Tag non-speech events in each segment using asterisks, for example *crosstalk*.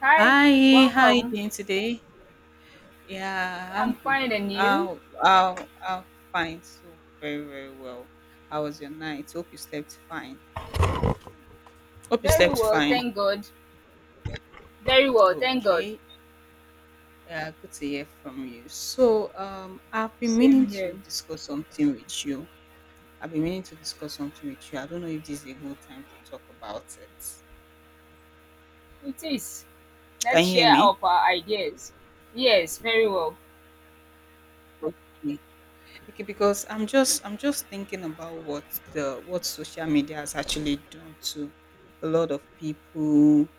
Hi, Hi, how you welcome. doing today? Yeah, I'm I'm good. fine and you? I'll fine. So very, very well. How was your night? Hope you slept fine. Hope you Very slept well, fine. thank God. Very well, thank God. Okay. Good to hear from you. So, I've been meaning Same to here. discuss something with you. I've been meaning to discuss something with you. I don't know if this is a good time to talk about it. It is. Can Let's you hear share me? up our ideas. Yes, very well. Okay. Okay, because I'm just thinking about what social media has actually done to a lot of people.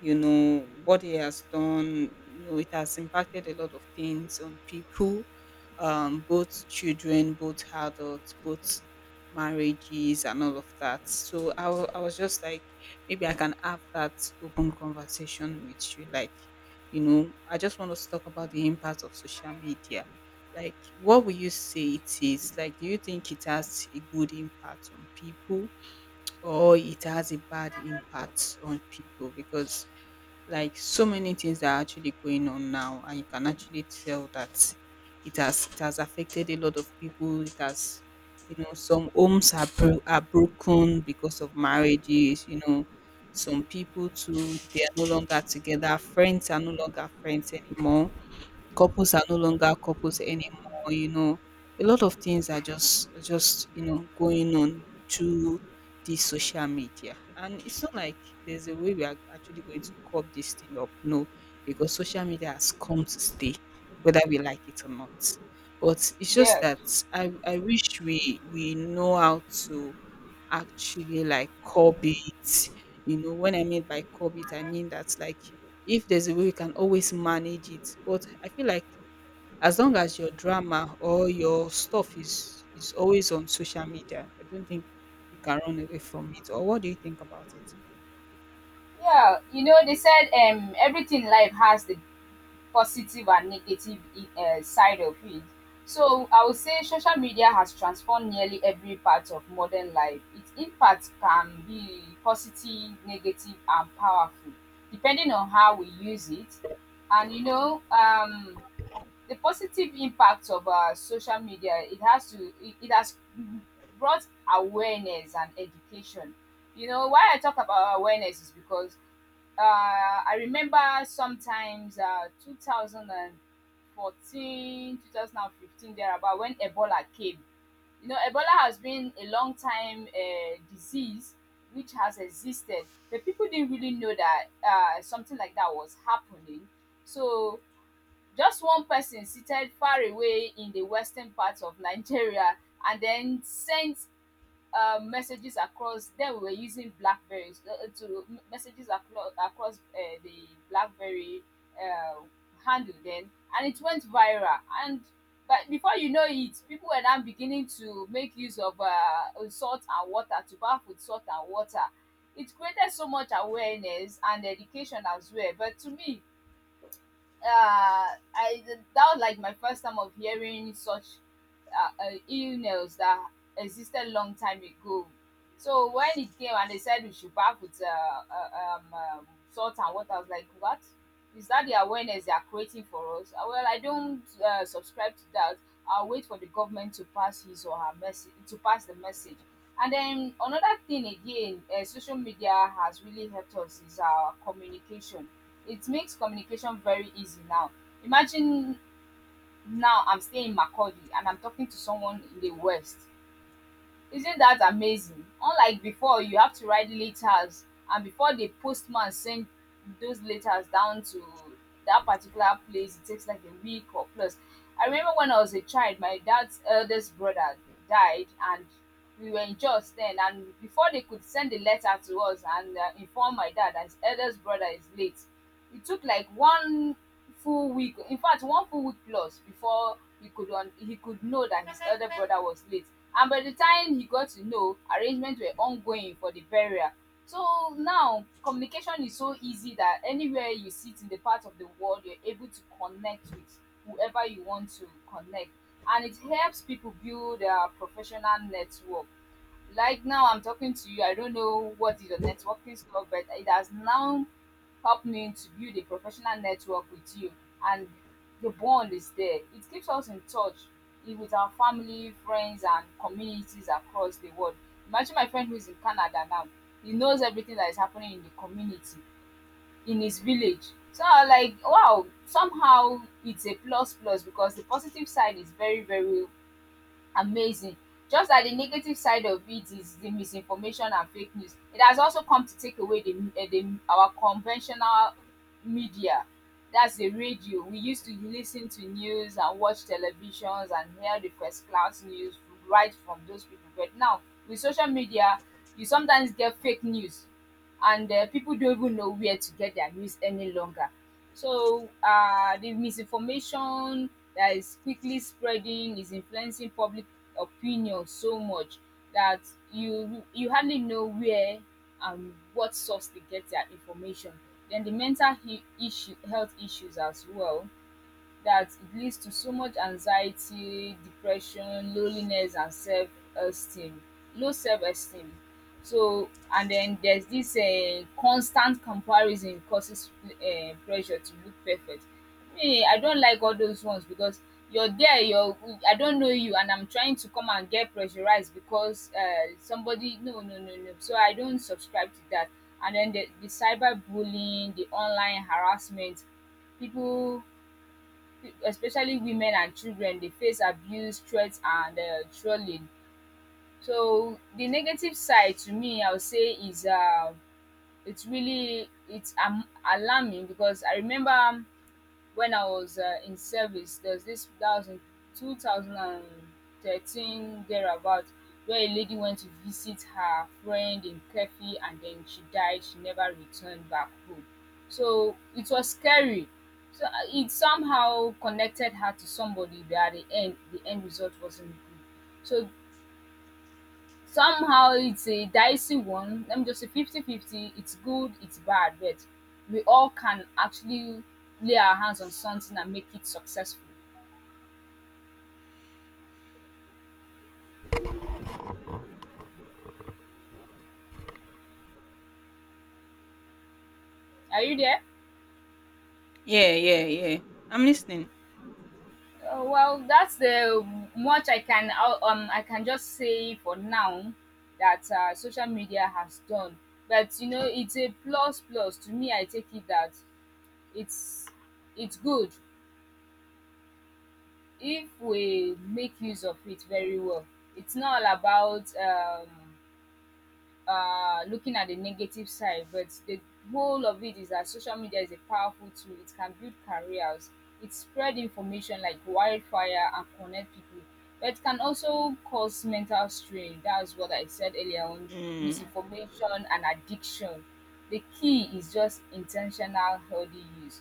You know what he has done, you know it has impacted a lot of things on people, both children, both adults, both marriages, and all of that. So I was just like, maybe I can have that open conversation with you, like, you know, I just want us to talk about the impact of social media. Like, what would you say it is? Like, do you think it has a good impact on people, or it has a bad impact on people? Because, like, so many things that are actually going on now, and you can actually tell that it has affected a lot of people. It has, you know, some homes are broken because of marriages, you know. Some people too, they are no longer together, friends are no longer friends anymore. Couples are no longer couples anymore, you know. A lot of things are just going on through the social media. And it's not like there's a way we are actually going to curb this thing up, no, because social media has come to stay, whether we like it or not. But it's just Yeah. that I wish we know how to actually, like, curb it. You know, when I mean by curb it, I mean that, like, if there's a way you can always manage it. But I feel like as long as your drama or your stuff is always on social media, I don't think you can run away from it. Or what do you think about it? Yeah, they said everything in life has the positive and negative side of it. So I would say social media has transformed nearly every part of modern life. Its impact can be positive, negative, and powerful, depending on how we use it. And the positive impact of social media it has brought awareness and education. You know why I talk about awareness is because I remember sometimes 2014 2015 there about, when Ebola came. You know, Ebola has been a long time disease which has existed, but people didn't really know that something like that was happening. So just one person seated far away in the western part of Nigeria and then sent messages across. Then we were using Blackberries to messages across the Blackberry uh, handle then, and it went viral. And but before you know it, people were now beginning to make use of salt and water, to bath with salt and water. It created so much awareness and education as well. But to me, uh, I that was like my first time of hearing such illness that existed long time ago. So when it came and they said we should bath with salt and water, I was like, what? Is that the awareness they are creating for us? Well, I don't subscribe to that. I'll wait for the government to pass his or her message, to pass the message. And then another thing again, social media has really helped us, is our communication. It makes communication very easy now. Imagine now I'm staying in Makurdi and I'm talking to someone in the West. Isn't that amazing? Unlike before, you have to write letters, and before the postman send those letters down to that particular place, it takes like a week or plus. I remember when I was a child, my dad's eldest brother died, and we were in church then. And before they could send the letter to us and inform my dad that his eldest brother is late, it took like one full week, in fact one full week plus, before he could he could know that his elder brother was late. And by the time he got to know, arrangements were ongoing for the burial. So now communication is so easy that anywhere you sit in the part of the world, you're able to connect with whoever you want to connect, and it helps people build their professional network. Like now, I'm talking to you. I don't know what is your networking stuff, but it has now helped me to build a professional network with you, and the bond is there. It keeps us in touch with our family, friends, and communities across the world. Imagine my friend who is in Canada now. He knows everything that is happening in the community, in his village. So I'm like, wow, somehow it's a plus plus, because the positive side is very, very amazing. Just that the negative side of it is the misinformation and fake news. It has also come to take away the our conventional media. That's the radio. We used to listen to news and watch televisions and hear the first class news right from those people. But now with social media, you sometimes get fake news, and people don't even know where to get their news any longer. So the misinformation that is quickly spreading is influencing public opinion so much that you hardly know where and what source they get their information. Then the mental health issues as well, that it leads to so much anxiety, depression, loneliness, and self esteem, low self esteem. So, and then there's this constant comparison, causes pressure to look perfect. Me, I don't like all those ones, because you're there, I don't know you, and I'm trying to come and get pressurized because somebody, no, no, no, no. So I don't subscribe to that. And then the cyber bullying, the online harassment, people, especially women and children, they face abuse, threats, and trolling. So the negative side, to me I would say, is it's really it's alarming, because I remember when I was in service, there's this that was in 2013 thereabout, where a lady went to visit her friend in Kefi and then she died. She never returned back home. So it was scary. So it somehow connected her to somebody, but at the end result wasn't good. So somehow it's a dicey one. Let me just say fifty-fifty. It's good, it's bad, but we all can actually lay our hands on something and make it successful. Are you there? Yeah, yeah, yeah. I'm listening. Well, that's the much I can just say for now, that social media has done. But it's a plus plus to me. I take it that it's it's good if we make use of it very well. It's not all about looking at the negative side, but the whole of it is that social media is a powerful tool. It can build careers, it spread information like wildfire and connect people. But it can also cause mental strain. That's what I said earlier on: Mm, misinformation and addiction. The key is just intentional, healthy use.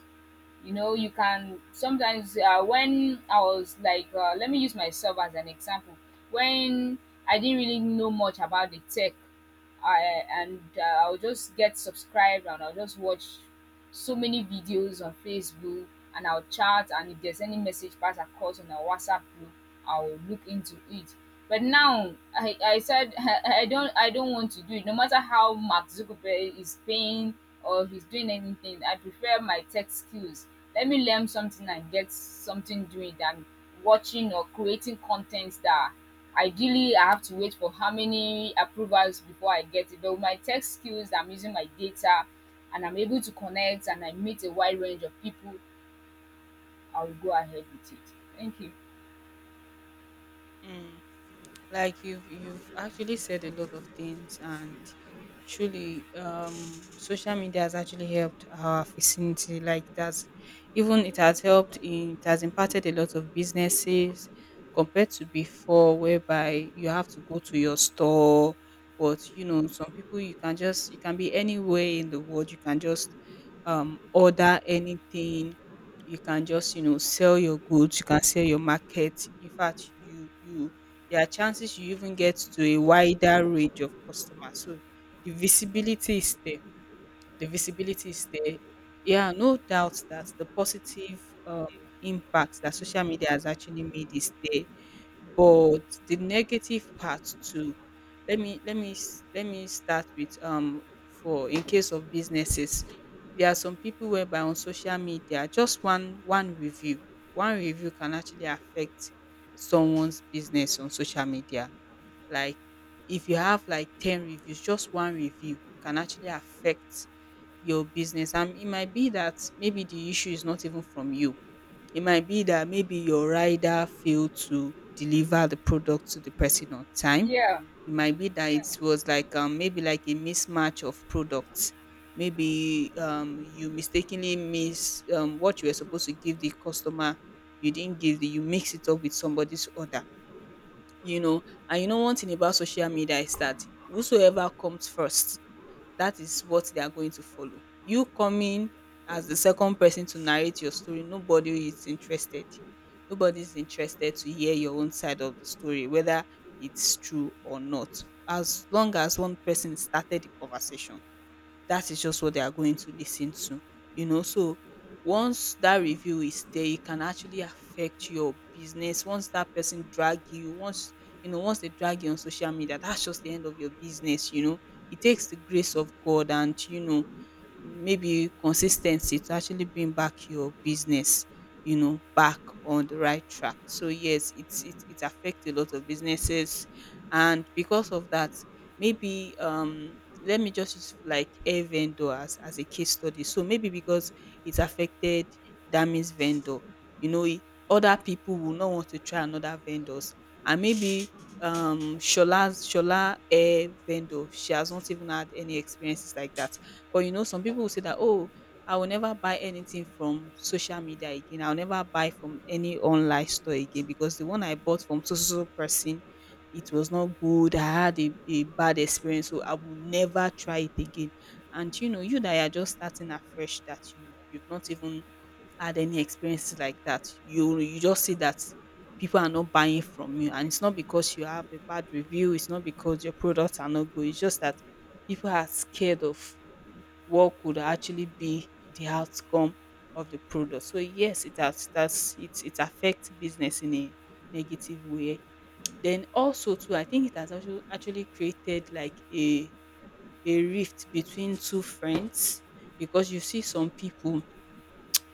You know you can sometimes, when I was like, let me use myself as an example. When I didn't really know much about the tech, and I'll just get subscribed and I'll just watch so many videos on Facebook, and I'll chat, and if there's any message pass across on a WhatsApp group, I'll look into it. But now I said *laughs* I don't want to do it. No matter how Mark Zuckerberg is paying or he's doing anything, I prefer my tech skills. Let me learn something and get something doing than watching or creating contents that ideally I have to wait for how many approvals before I get it. But with my tech skills, I'm using my data, and I'm able to connect and I meet a wide range of people. I will go ahead with it. Thank you. mm. Like, you've actually said a lot of things, and truly, social media has actually helped our vicinity, like that's even it has helped in, it has impacted a lot of businesses compared to before, whereby you have to go to your store. But you know, some people, you can be anywhere in the world, you can just order anything, you can just, sell your goods, you can sell your market. In fact, you there are chances you even get to a wider range of customers. So the visibility is there. The visibility is there. Yeah, no doubt that the positive impacts that social media has actually made is there, but the negative part too. Let me start with, for, in case of businesses, there are some people whereby on social media, just one review can actually affect someone's business on social media. Like, if you have like 10 reviews, just one review can actually affect your business, and it might be that maybe the issue is not even from you. It might be that maybe your rider failed to deliver the product to the person on time. Yeah. It might be that it was like, maybe like a mismatch of products, maybe, you mistakenly miss, what you were supposed to give the customer, you didn't give the you mix it up with somebody's order. You know, and you know, one thing about social media is that whosoever comes first, that is what they are going to follow. You coming as the second person to narrate your story, nobody is interested. Nobody is interested to hear your own side of the story, whether it's true or not. As long as one person started the conversation, that is just what they are going to listen to, you know. So once that review is there, it can actually affect your business. Once that person drag you, once they drag you on social media, that's just the end of your business, you know. It takes the grace of God and, you know, maybe consistency to actually bring back your business, you know, back on the right track. So yes, it affects a lot of businesses. And because of that, maybe, let me just use like a vendor as a case study. So maybe, because it affected Damis vendor, you know, other people will not want to try another vendors. And maybe, Shola's Shola air vendor, she has not even had any experiences like that. But, you know, some people will say that, "Oh, I will never buy anything from social media again. I'll never buy from any online store again, because the one I bought from so so so person, it was not good. I had a bad experience, so I will never try it again." And you know, you that are just starting afresh, that you've not even had any experiences like that. You just see that people are not buying from you, and it's not because you have a bad review. It's not because your products are not good. It's just that people are scared of what could actually be the outcome of the product. So yes, it has, that's it, it affects business in a negative way. Then also too, I think it has also actually created like a rift between two friends, because you see some people,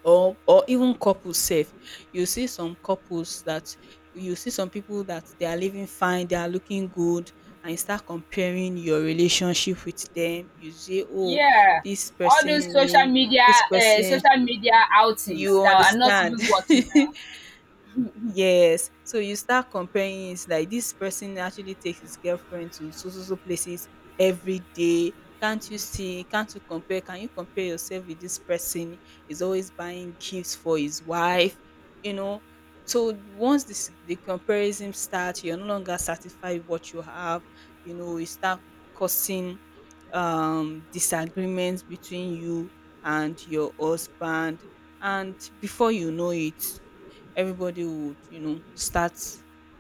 or even couples sef. You see some couples that you see some people that they are living fine, they are looking good, and you start comparing your relationship with them. You say, "Oh, Yeah, this all those social person, media, this uh, person," social media outings you that are not understand. even watching Yes. So you start comparing it, like, this person actually takes his girlfriend to so so so places every day. Can't you see? Can't you compare? Can you compare yourself with this person? He's always buying gifts for his wife, you know. So once this the comparison starts, you're no longer satisfied with what you have, you know, you start causing disagreements between you and your husband. And before you know it, everybody would, start,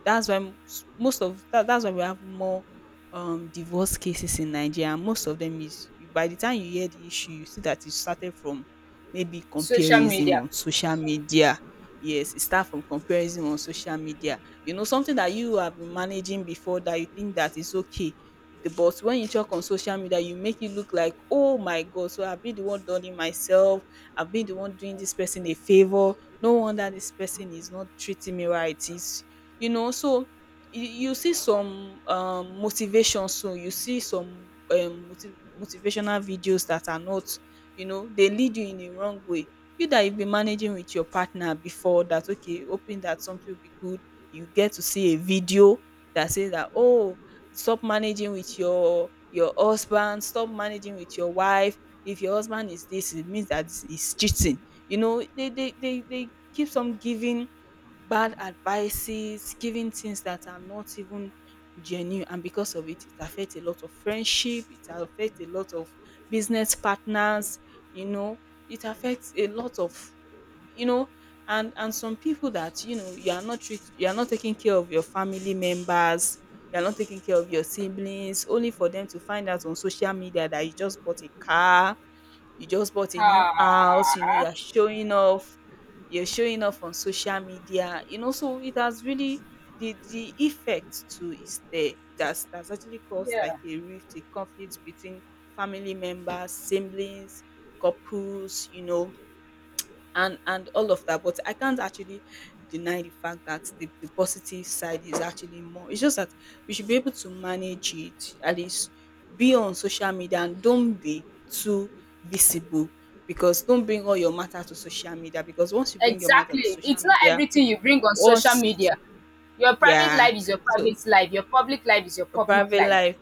that's why most of that, that's why we have more divorce cases in Nigeria, and most of them is, you by the time you hear the issue, you see that it started from maybe social comparison media. on social media. Yes, it start from comparison on social media. You know, something that you have been managing before, that you think that is okay, the but when you talk on social media, you make it look like, oh my God, so I've been the one done it myself, I've been the one doing this person a favor, no wonder this person is not treating me right, is, you know. So you see some motivation, so you see some motivational videos that are not, you know, they lead you in a wrong way. You that you've been managing with your partner before, that, okay, hoping that something will be good, you get to see a video that says that, oh, stop managing with your husband, stop managing with your wife, if your husband is this, it means that he's cheating, you know. They keeps on giving bad advices, giving things that are not even genuine. And because of it, it affects a lot of friendship, it affects a lot of business partners, you know, it affects a lot of, you know, and some people that, you know, you are not taking care of your family members, you are not taking care of your siblings, only for them to find out on social media that you just bought a car, you just bought a new house, you know, you Ah, are showing off, you're showing off on social media, you know. So it has really, the effect too is there. It has actually caused like yeah, a rift, a conflict between family members, siblings, couples, you know, and all of that. But I can't actually deny the fact that the positive side is actually more. It's just that we should be able to manage it, at least be on social media and don't be too visible, because don't bring all your matter to social media, because once you bring your matter to exactly. social It's not media, everything you bring on social once, media. Your private yeah, life is your so private life. Your public life is your your public private life. life,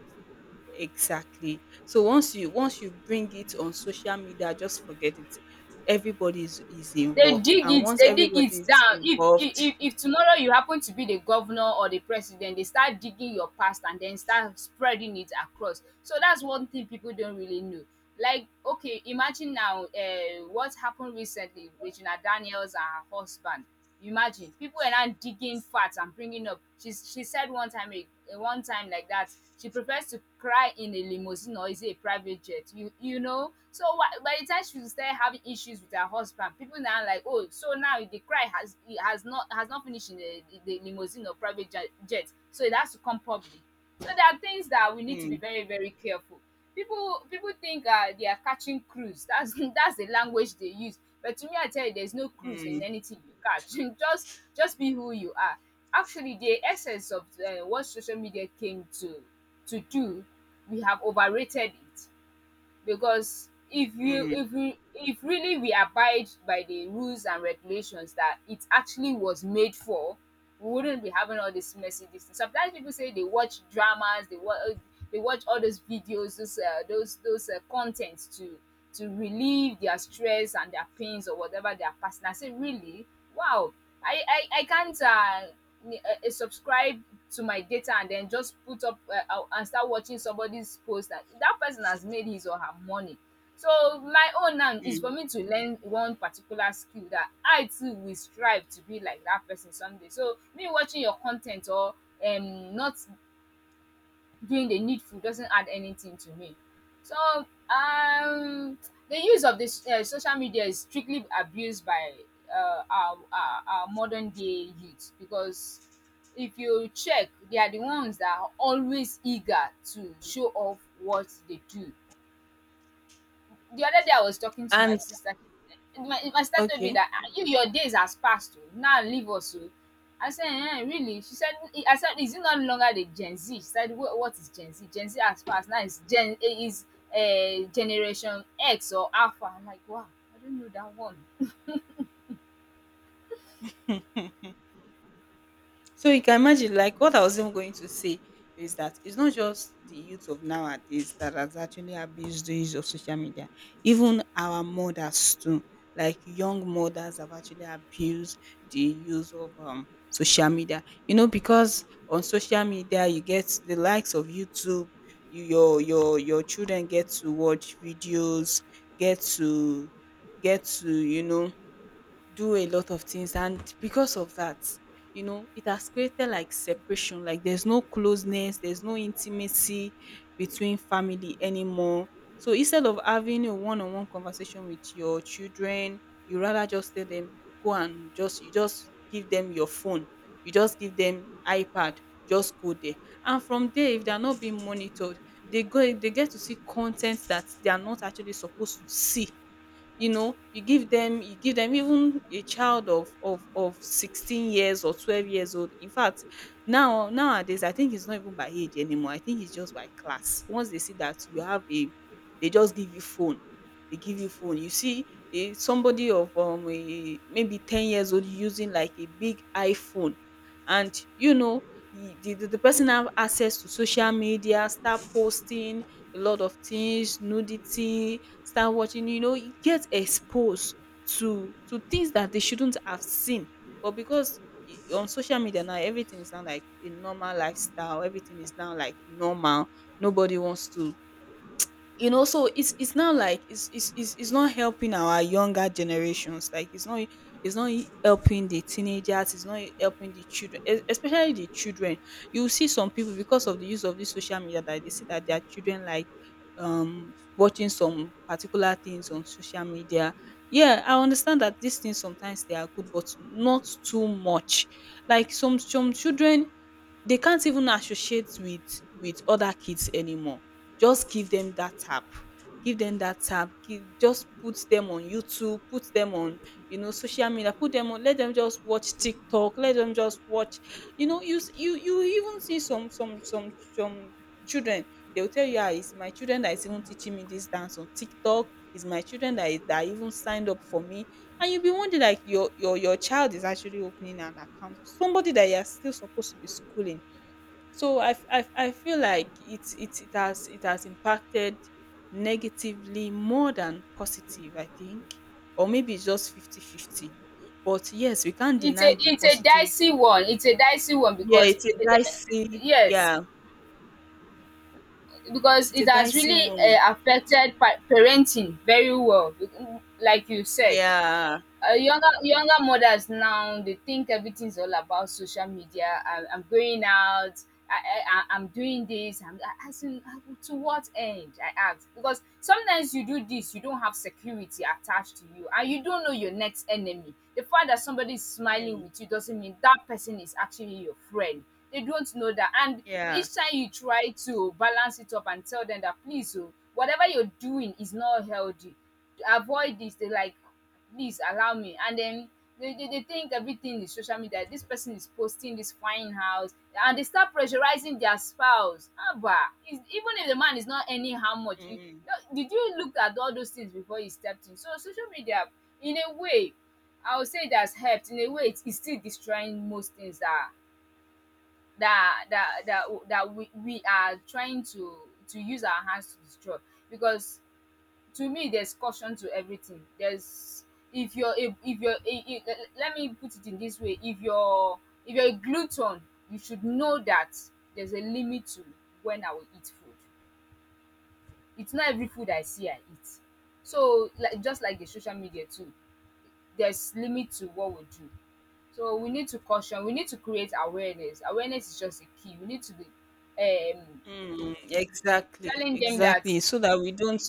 exactly. So once you bring it on social media, just forget it. Everybody is they involved, dig and it once they dig everybody it is down. if if involved, if if tomorrow you happen to be the governor or the president, they start digging your past and then start spreading it across. So that's one thing people don't really know. Like, okay, imagine now, what happened recently with Regina Daniels and her husband. Imagine people are now digging facts and bringing up. She said one time, a one time like that, she prefers to cry in a limousine, or is it a private jet? You know. So by the time she started having issues with her husband, people now like, oh, so now the cry has not finished in the limousine or private jet. So it has to come public. So there are things that we need to be mm, very very careful. People think they are catching cruise. That's *laughs* that's the language they use. But to me, I tell you, there's no cruise in mm, anything you catch. *laughs* Just be who you are. Actually, the essence of what social media came to do, we have overrated it. Because if you mm, if we if really we abide by the rules and regulations that it actually was made for, we wouldn't be having all this messy this thing. Sometimes people say they watch dramas, they watch all those videos, those contents to relieve their stress and their pains, or whatever they are passing. I say, really? Wow. I can't subscribe to my data and then just put up and start watching somebody's post, that that person has made his or her money. So my own now is for mm. me to learn one particular skill, that I too will strive to be like that person someday. So me watching your content, or not doing the needful, doesn't add anything to me. So um, the use of this social media is strictly abused by our modern day youth, because if you check, they are the ones that are always eager to show off what they do. The other day I was talking to my And, sister. My sister told me okay. that, "Ah, you your days has passed. Oh. Now leave us. Oh." I said, eh, really? She said, I said, is it no longer the Gen Z? She said, "What is Gen Z? Gen Z has passed. Now it's Gen eh, is Generation X or Alpha." I'm like, wow, I don't know that one. So you can imagine, like what I was even going to say is that it's not just the youth of nowadays that has actually abused the use of social media. Even our mothers too, like young mothers have actually abused the use of social media. You know, because on social media you get the likes of YouTube, you, your children get to watch videos, get to get to you know do a lot of things, and because of that, you know, it has created like separation, like there's no closeness, there's no intimacy between family anymore. So instead of having a one-on-one conversation with your children, you rather just tell them, go and just, you just give them your phone, you just give them ipad, just go there. And from there, if they are not being monitored, they go, they get to see content that they are not actually supposed to see. You know, you give them, you give them even a child of 16 years or 12 years old, in fact. Now nowadays I think it's not even by age anymore, I think it's just by class. Once they see that you have a, they just give you phone, they give you phone. You see a somebody of maybe 10 years old using like a big iphone. And you know, the person have access to social media, start posting a lot of things, nudity, start watching, you know, you get exposed to things that they shouldn't have seen. But because on social media now everything is now like a normal lifestyle, everything is now like normal. Nobody wants to, you know. So it's now like it's not helping our younger generations, like it's not helping the teenagers, it's not helping the children, especially the children. You see some people, because of the use of this social media, that they see that their children like watching some particular things on social media. Yeah, I understand that these things sometimes they are good, but not too much. Like some children, they can't even associate with other kids anymore. Just give them that app, give them that app, give, just put them on youtube, put them on, you know, social media, put them on, let them just watch tiktok, let them just watch, you know, you you, you even see some children. They will tell you, ah, it's my children that is even teaching me this dance on tiktok, it's my children that is that even signed up for me. And you'll be wondering like your child is actually opening an account, somebody that you are still supposed to be schooling. So I feel like it has impacted negatively more than positive, I think. Or maybe it's just 50/50. But yes, we can't deny the It's a positive. dicey one. It's a dicey one Yeah, because it's a eh, dicey, yes, yeah. because It's a it has dicey really one. Affected parenting very well, like you said. Yeah. Younger mothers now, they think everything's all about social media. I, I'm going out, I, I am doing this, I'm asking to what end I ask, because sometimes you do this, you don't have security attached to you and you don't know your next enemy. The fact that somebody is smiling Mm, with you doesn't mean that person is actually your friend. They don't know that. And yeah. each time you try to balance it up and tell them that, please oh, whatever you're doing is not healthy, avoid this, they like, please allow me. And then they think everything is social media. This person is posting this fine house and they start pressurizing their spouse. Abba, is even if the man is not earning how much, you, Mm, no, did you look at all those things before you stepped in? So social media, in a way, I would say it has helped. In a way, it's still destroying most things that that that that, that we are trying to use our hands to destroy, because to me there's caution to everything. There's if you're a, let me put it in this way. If you're if you're a glutton, you should know that there's a limit to when I will eat food. It's not every food I see I eat. So like just like the social media too, there's limit to what we do. So we need to caution, we need to create awareness. Awareness is just a key. We need to be um mm, exactly. telling them that, Exactly. So that we don't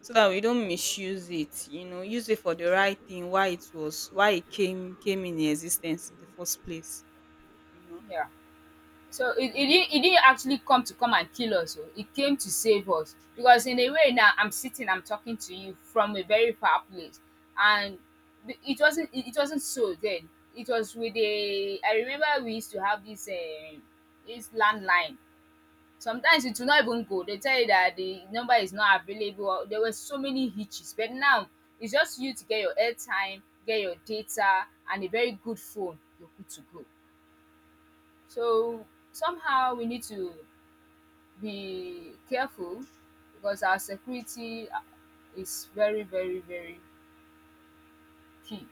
so that we don't misuse it, you know, use it for the right thing, why it came in existence in the first place. You know. yeah. So it it didn't actually come to come and kill us oh, it came to save us. Because in a way, now I'm sitting, I'm talking to you from a very far place. And the it wasn't it wasn't so then. It was with a I remember we used to have this this landline. Sometimes it will not even go. They tell you that the number is not available, or there were so many hitches. But now it's just you to get your airtime, get your data and a very good phone, you're good to go. So somehow we need to be careful, because our security is very, very, very key.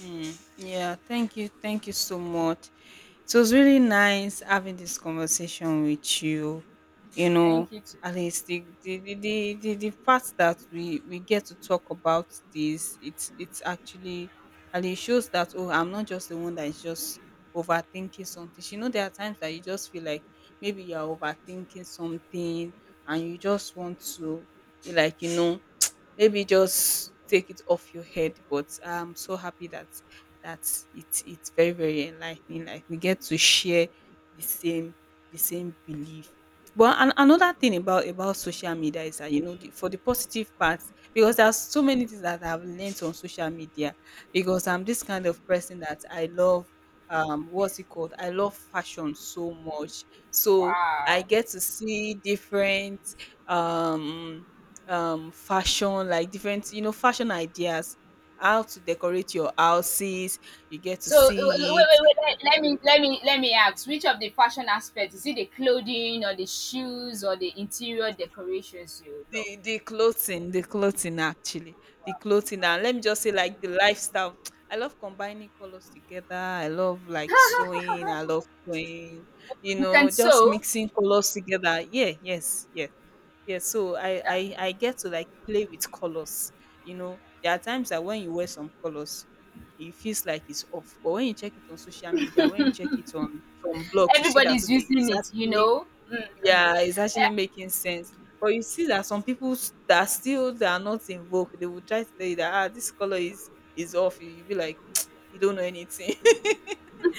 Mm, yeah, thank you. Thank you so much. It was really nice having this conversation with you. You know, Thank you. Too. at least the, fact that we get to talk about this, it's actually. And it shows that oh, I'm not just the one that is just overthinking something. You know, there are times that you just feel like maybe you're overthinking something, and you just want to be like, you know, maybe just take it off your head. But I'm so happy that that it's very very enlightening, like we get to share the same the same belief. But another thing about social media is that you know for the positive parts, because there's so many things that I've learned on social media. Because I'm this kind of person that I love what's it called, I love fashion so much. So I Wow. get to see different um fashion, like different, you know, fashion ideas, how to decorate your houses, you get to So wait, see it. wait, wait. Let me, let me ask. Which of the fashion aspects is it? The clothing, or the shoes, or the interior decorations you love? The clothing, the clothing actually, the clothing. Wow. And let me just say, like, the lifestyle. *tsk* I love combining colors together, I love like sewing, I love sewing, you You know, can just sew. mixing colors together. Yeah, yes, yes. Yeah, so I, I Yeah. I get to like play with colors. You know, there are times that when you wear some colors, it feels like it's off. But when you check it on social media, when you check it on some blogs, you see that Everybody's okay, using it's it. You actually, know. Mm. yeah, it's actually making sense. But you see that some people that are not involved, they will try to tell you that ah, this color is off. You will be like, *tsk* you don't know anything.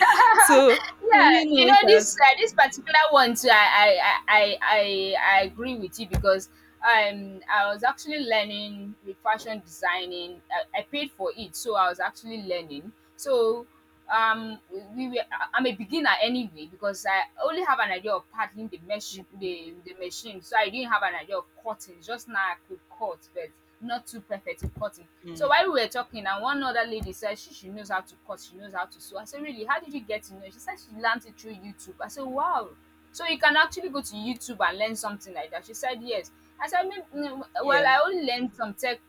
*laughs* So Yeah, you know you it know, as. this this particular one too, I agree with you, because I was actually learning with fashion designing. I paid for it, so I was actually learning. So um we were I'm a beginner anyway, because I only have an idea of paddling the machine, Mm, the machine. So I didn't have an idea of cutting. Just now I could cut, but not too perfect in cutting. So while mm, we were talking, and one other lady said she knows how to cut, she knows how to sew. I said, really, how did you get to know? She said she learned it through YouTube. I said, wow. So you can actually go to YouTube and learn something like that. She said, yes. I said, "Me- mm, well, yeah. I only learned some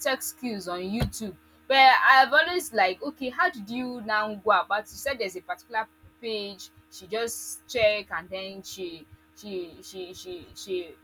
tech skills on YouTube. But I've always like, okay, how did you now go about?" She said there's a particular page. She just check, and then she she she she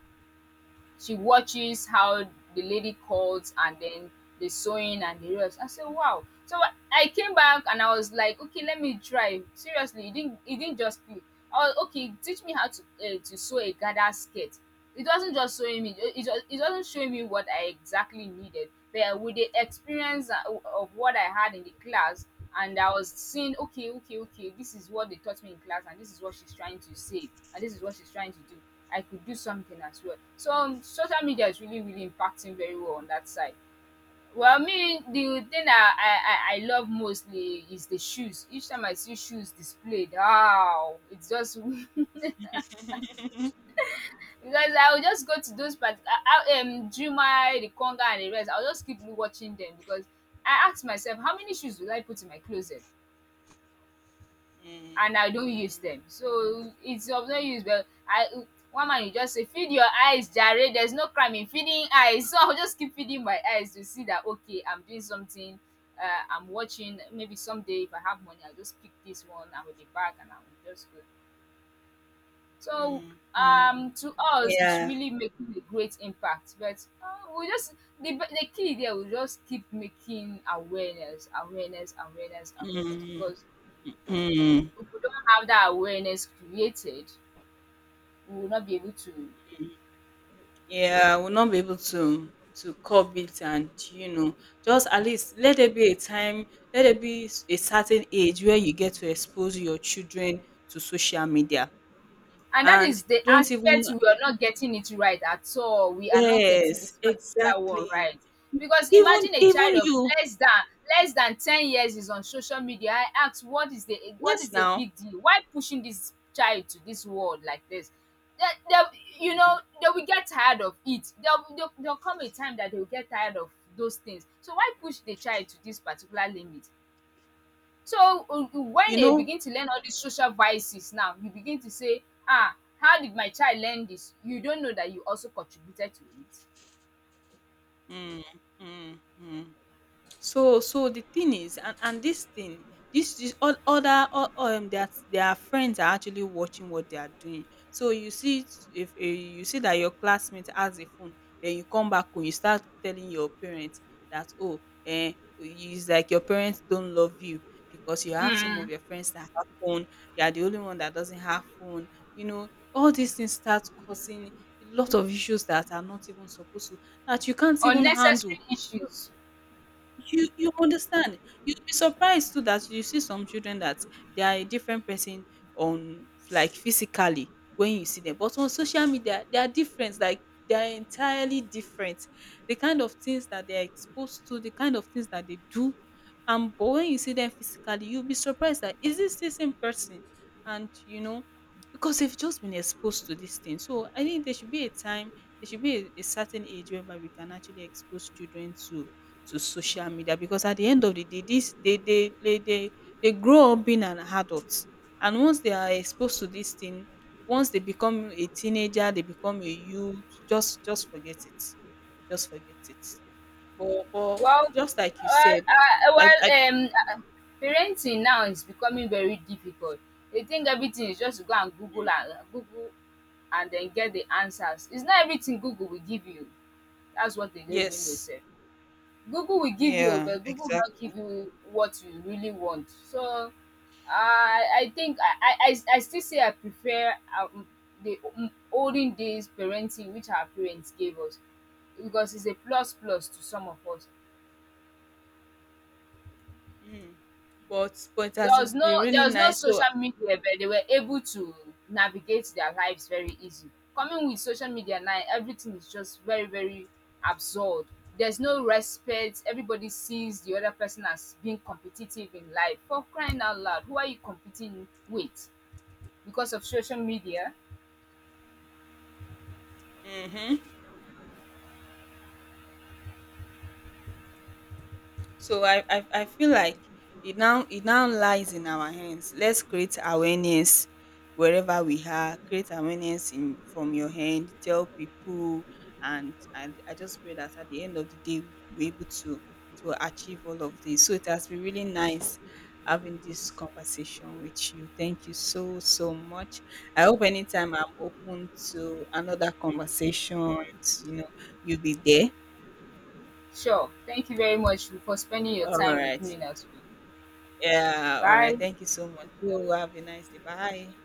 she watches how the lady calls and then the sewing and the rest. I said, wow. So I came back and I was like, okay, let me try. Seriously, it didn't just click. I was okay. Teach me how to sew a gather skirt. It wasn't just showing me it wasn't showing me what I exactly needed. But with the experience of what I had in the class, and I was seeing, okay okay okay, this is what they taught me in class and this is what she's trying to say and this is what she's trying to do. I could do something as well. So social media is really really impacting very well on that side. Well, me, the thing that I love mostly is the shoes. Each time I see shoes displayed, wow, it's just *laughs* because I will just go to those part. I, Jumai, the Conga and the rest, I'll just keep watching them, because I ask myself, how many shoes will I put in my closet Mm, and I don't use mm, them? So it's of no use. But I one man will just say feed your eyes jare, there's no crime in feeding eyes *laughs* so I'll just keep feeding my eyes to see that okay I'm doing something. uh, I'm watching, maybe someday if I have money I'll just pick this one, I will be back and I will just go. So, mm, mm, to us, it's yeah. really making a great impact. But we just the key there, we just keep making awareness, awareness, awareness, awareness. Mhm. Because if we don't have that awareness created, we will not be able to. Yeah, we will not be able to curb it, and you know, just at least let there be a time, let there be a certain age where you get to expose your children to social media, And that and is the don't even, aspect we are not getting it right at all. We are not yes, getting this particular one exactly. right. Because Even imagine a even child of you. less than less than 10 years is on social media. I ask, what Yes is the now. big deal? Why pushing this child to this world like this? They, they, you Mm. know, they will get tired of it. There'll come a time that they will get tired of those things. So why push the child to this particular limit? So when You they know? begin to learn all these social vices now, you begin to say, ah, how did my child learn this? You don't know that you also contributed to it. Mm, mm, mm. So the thing is, and this thing, other that their friends are actually watching what they are doing. So you see, if you see that your classmate has a phone, then you come back home, you start telling your parents that oh, eh, it's like your parents don't love you, because you have some of Mm. your friends that have phone, you are the only one that doesn't have phone. You know, all these things start causing a lot of issues that are not even supposed to, that you can't even Unnecessary handle. issues. You understand? You'd be surprised too that you see some children that they are a different person, on, like, physically when you see them, but on social media they are different. Like, they are entirely different. The kind of things that they are exposed to, the kind of things that they do, and but when you see them physically, you'll be surprised that, is this the same person? And you know, because they've just been exposed to this thing. So I think there should be a time, there should be a certain age whereby we can actually expose children to social media, because at the end of the day this they grow up being an adult. And once they are exposed to this thing, once they become a teenager, they become a youth, just forget it, just forget it. But Well, just like you well, said, I. well parenting now is becoming very difficult. They think everything is just to go and Google Mm. and Google and then get the answers. It's not everything Google will give you. That's what they don't even know, Yes. sef. Google will give you, Yeah, but Google will not exactly. give you what you really want. So I think I still say I prefer the olden days parenting which our parents gave us, because it's a plus plus to some of us. Mm. But it has been really There was no nice, so. social media, but they were able to navigate their lives very easy. Coming with social media now, everything is just very, very absurd. There's no respect. Everybody sees the other person as being competitive in life. For crying out loud, who are you competing with? Because of social media? Mm-hmm. So I feel like it now, it now lies in our hands. Let's create awareness wherever we are. Create awareness in, from your hand. Tell people, and I just pray that at the end of the day we're able to achieve all of this. So it has been really nice having this conversation with you. Thank you so so much. I hope anytime I'm open to another conversation, you know, you'll be there. Sure. Thank you very much for spending your All time with right. me now today. Yeah, alright. Bye. Thank you so much. You have a nice day. Bye.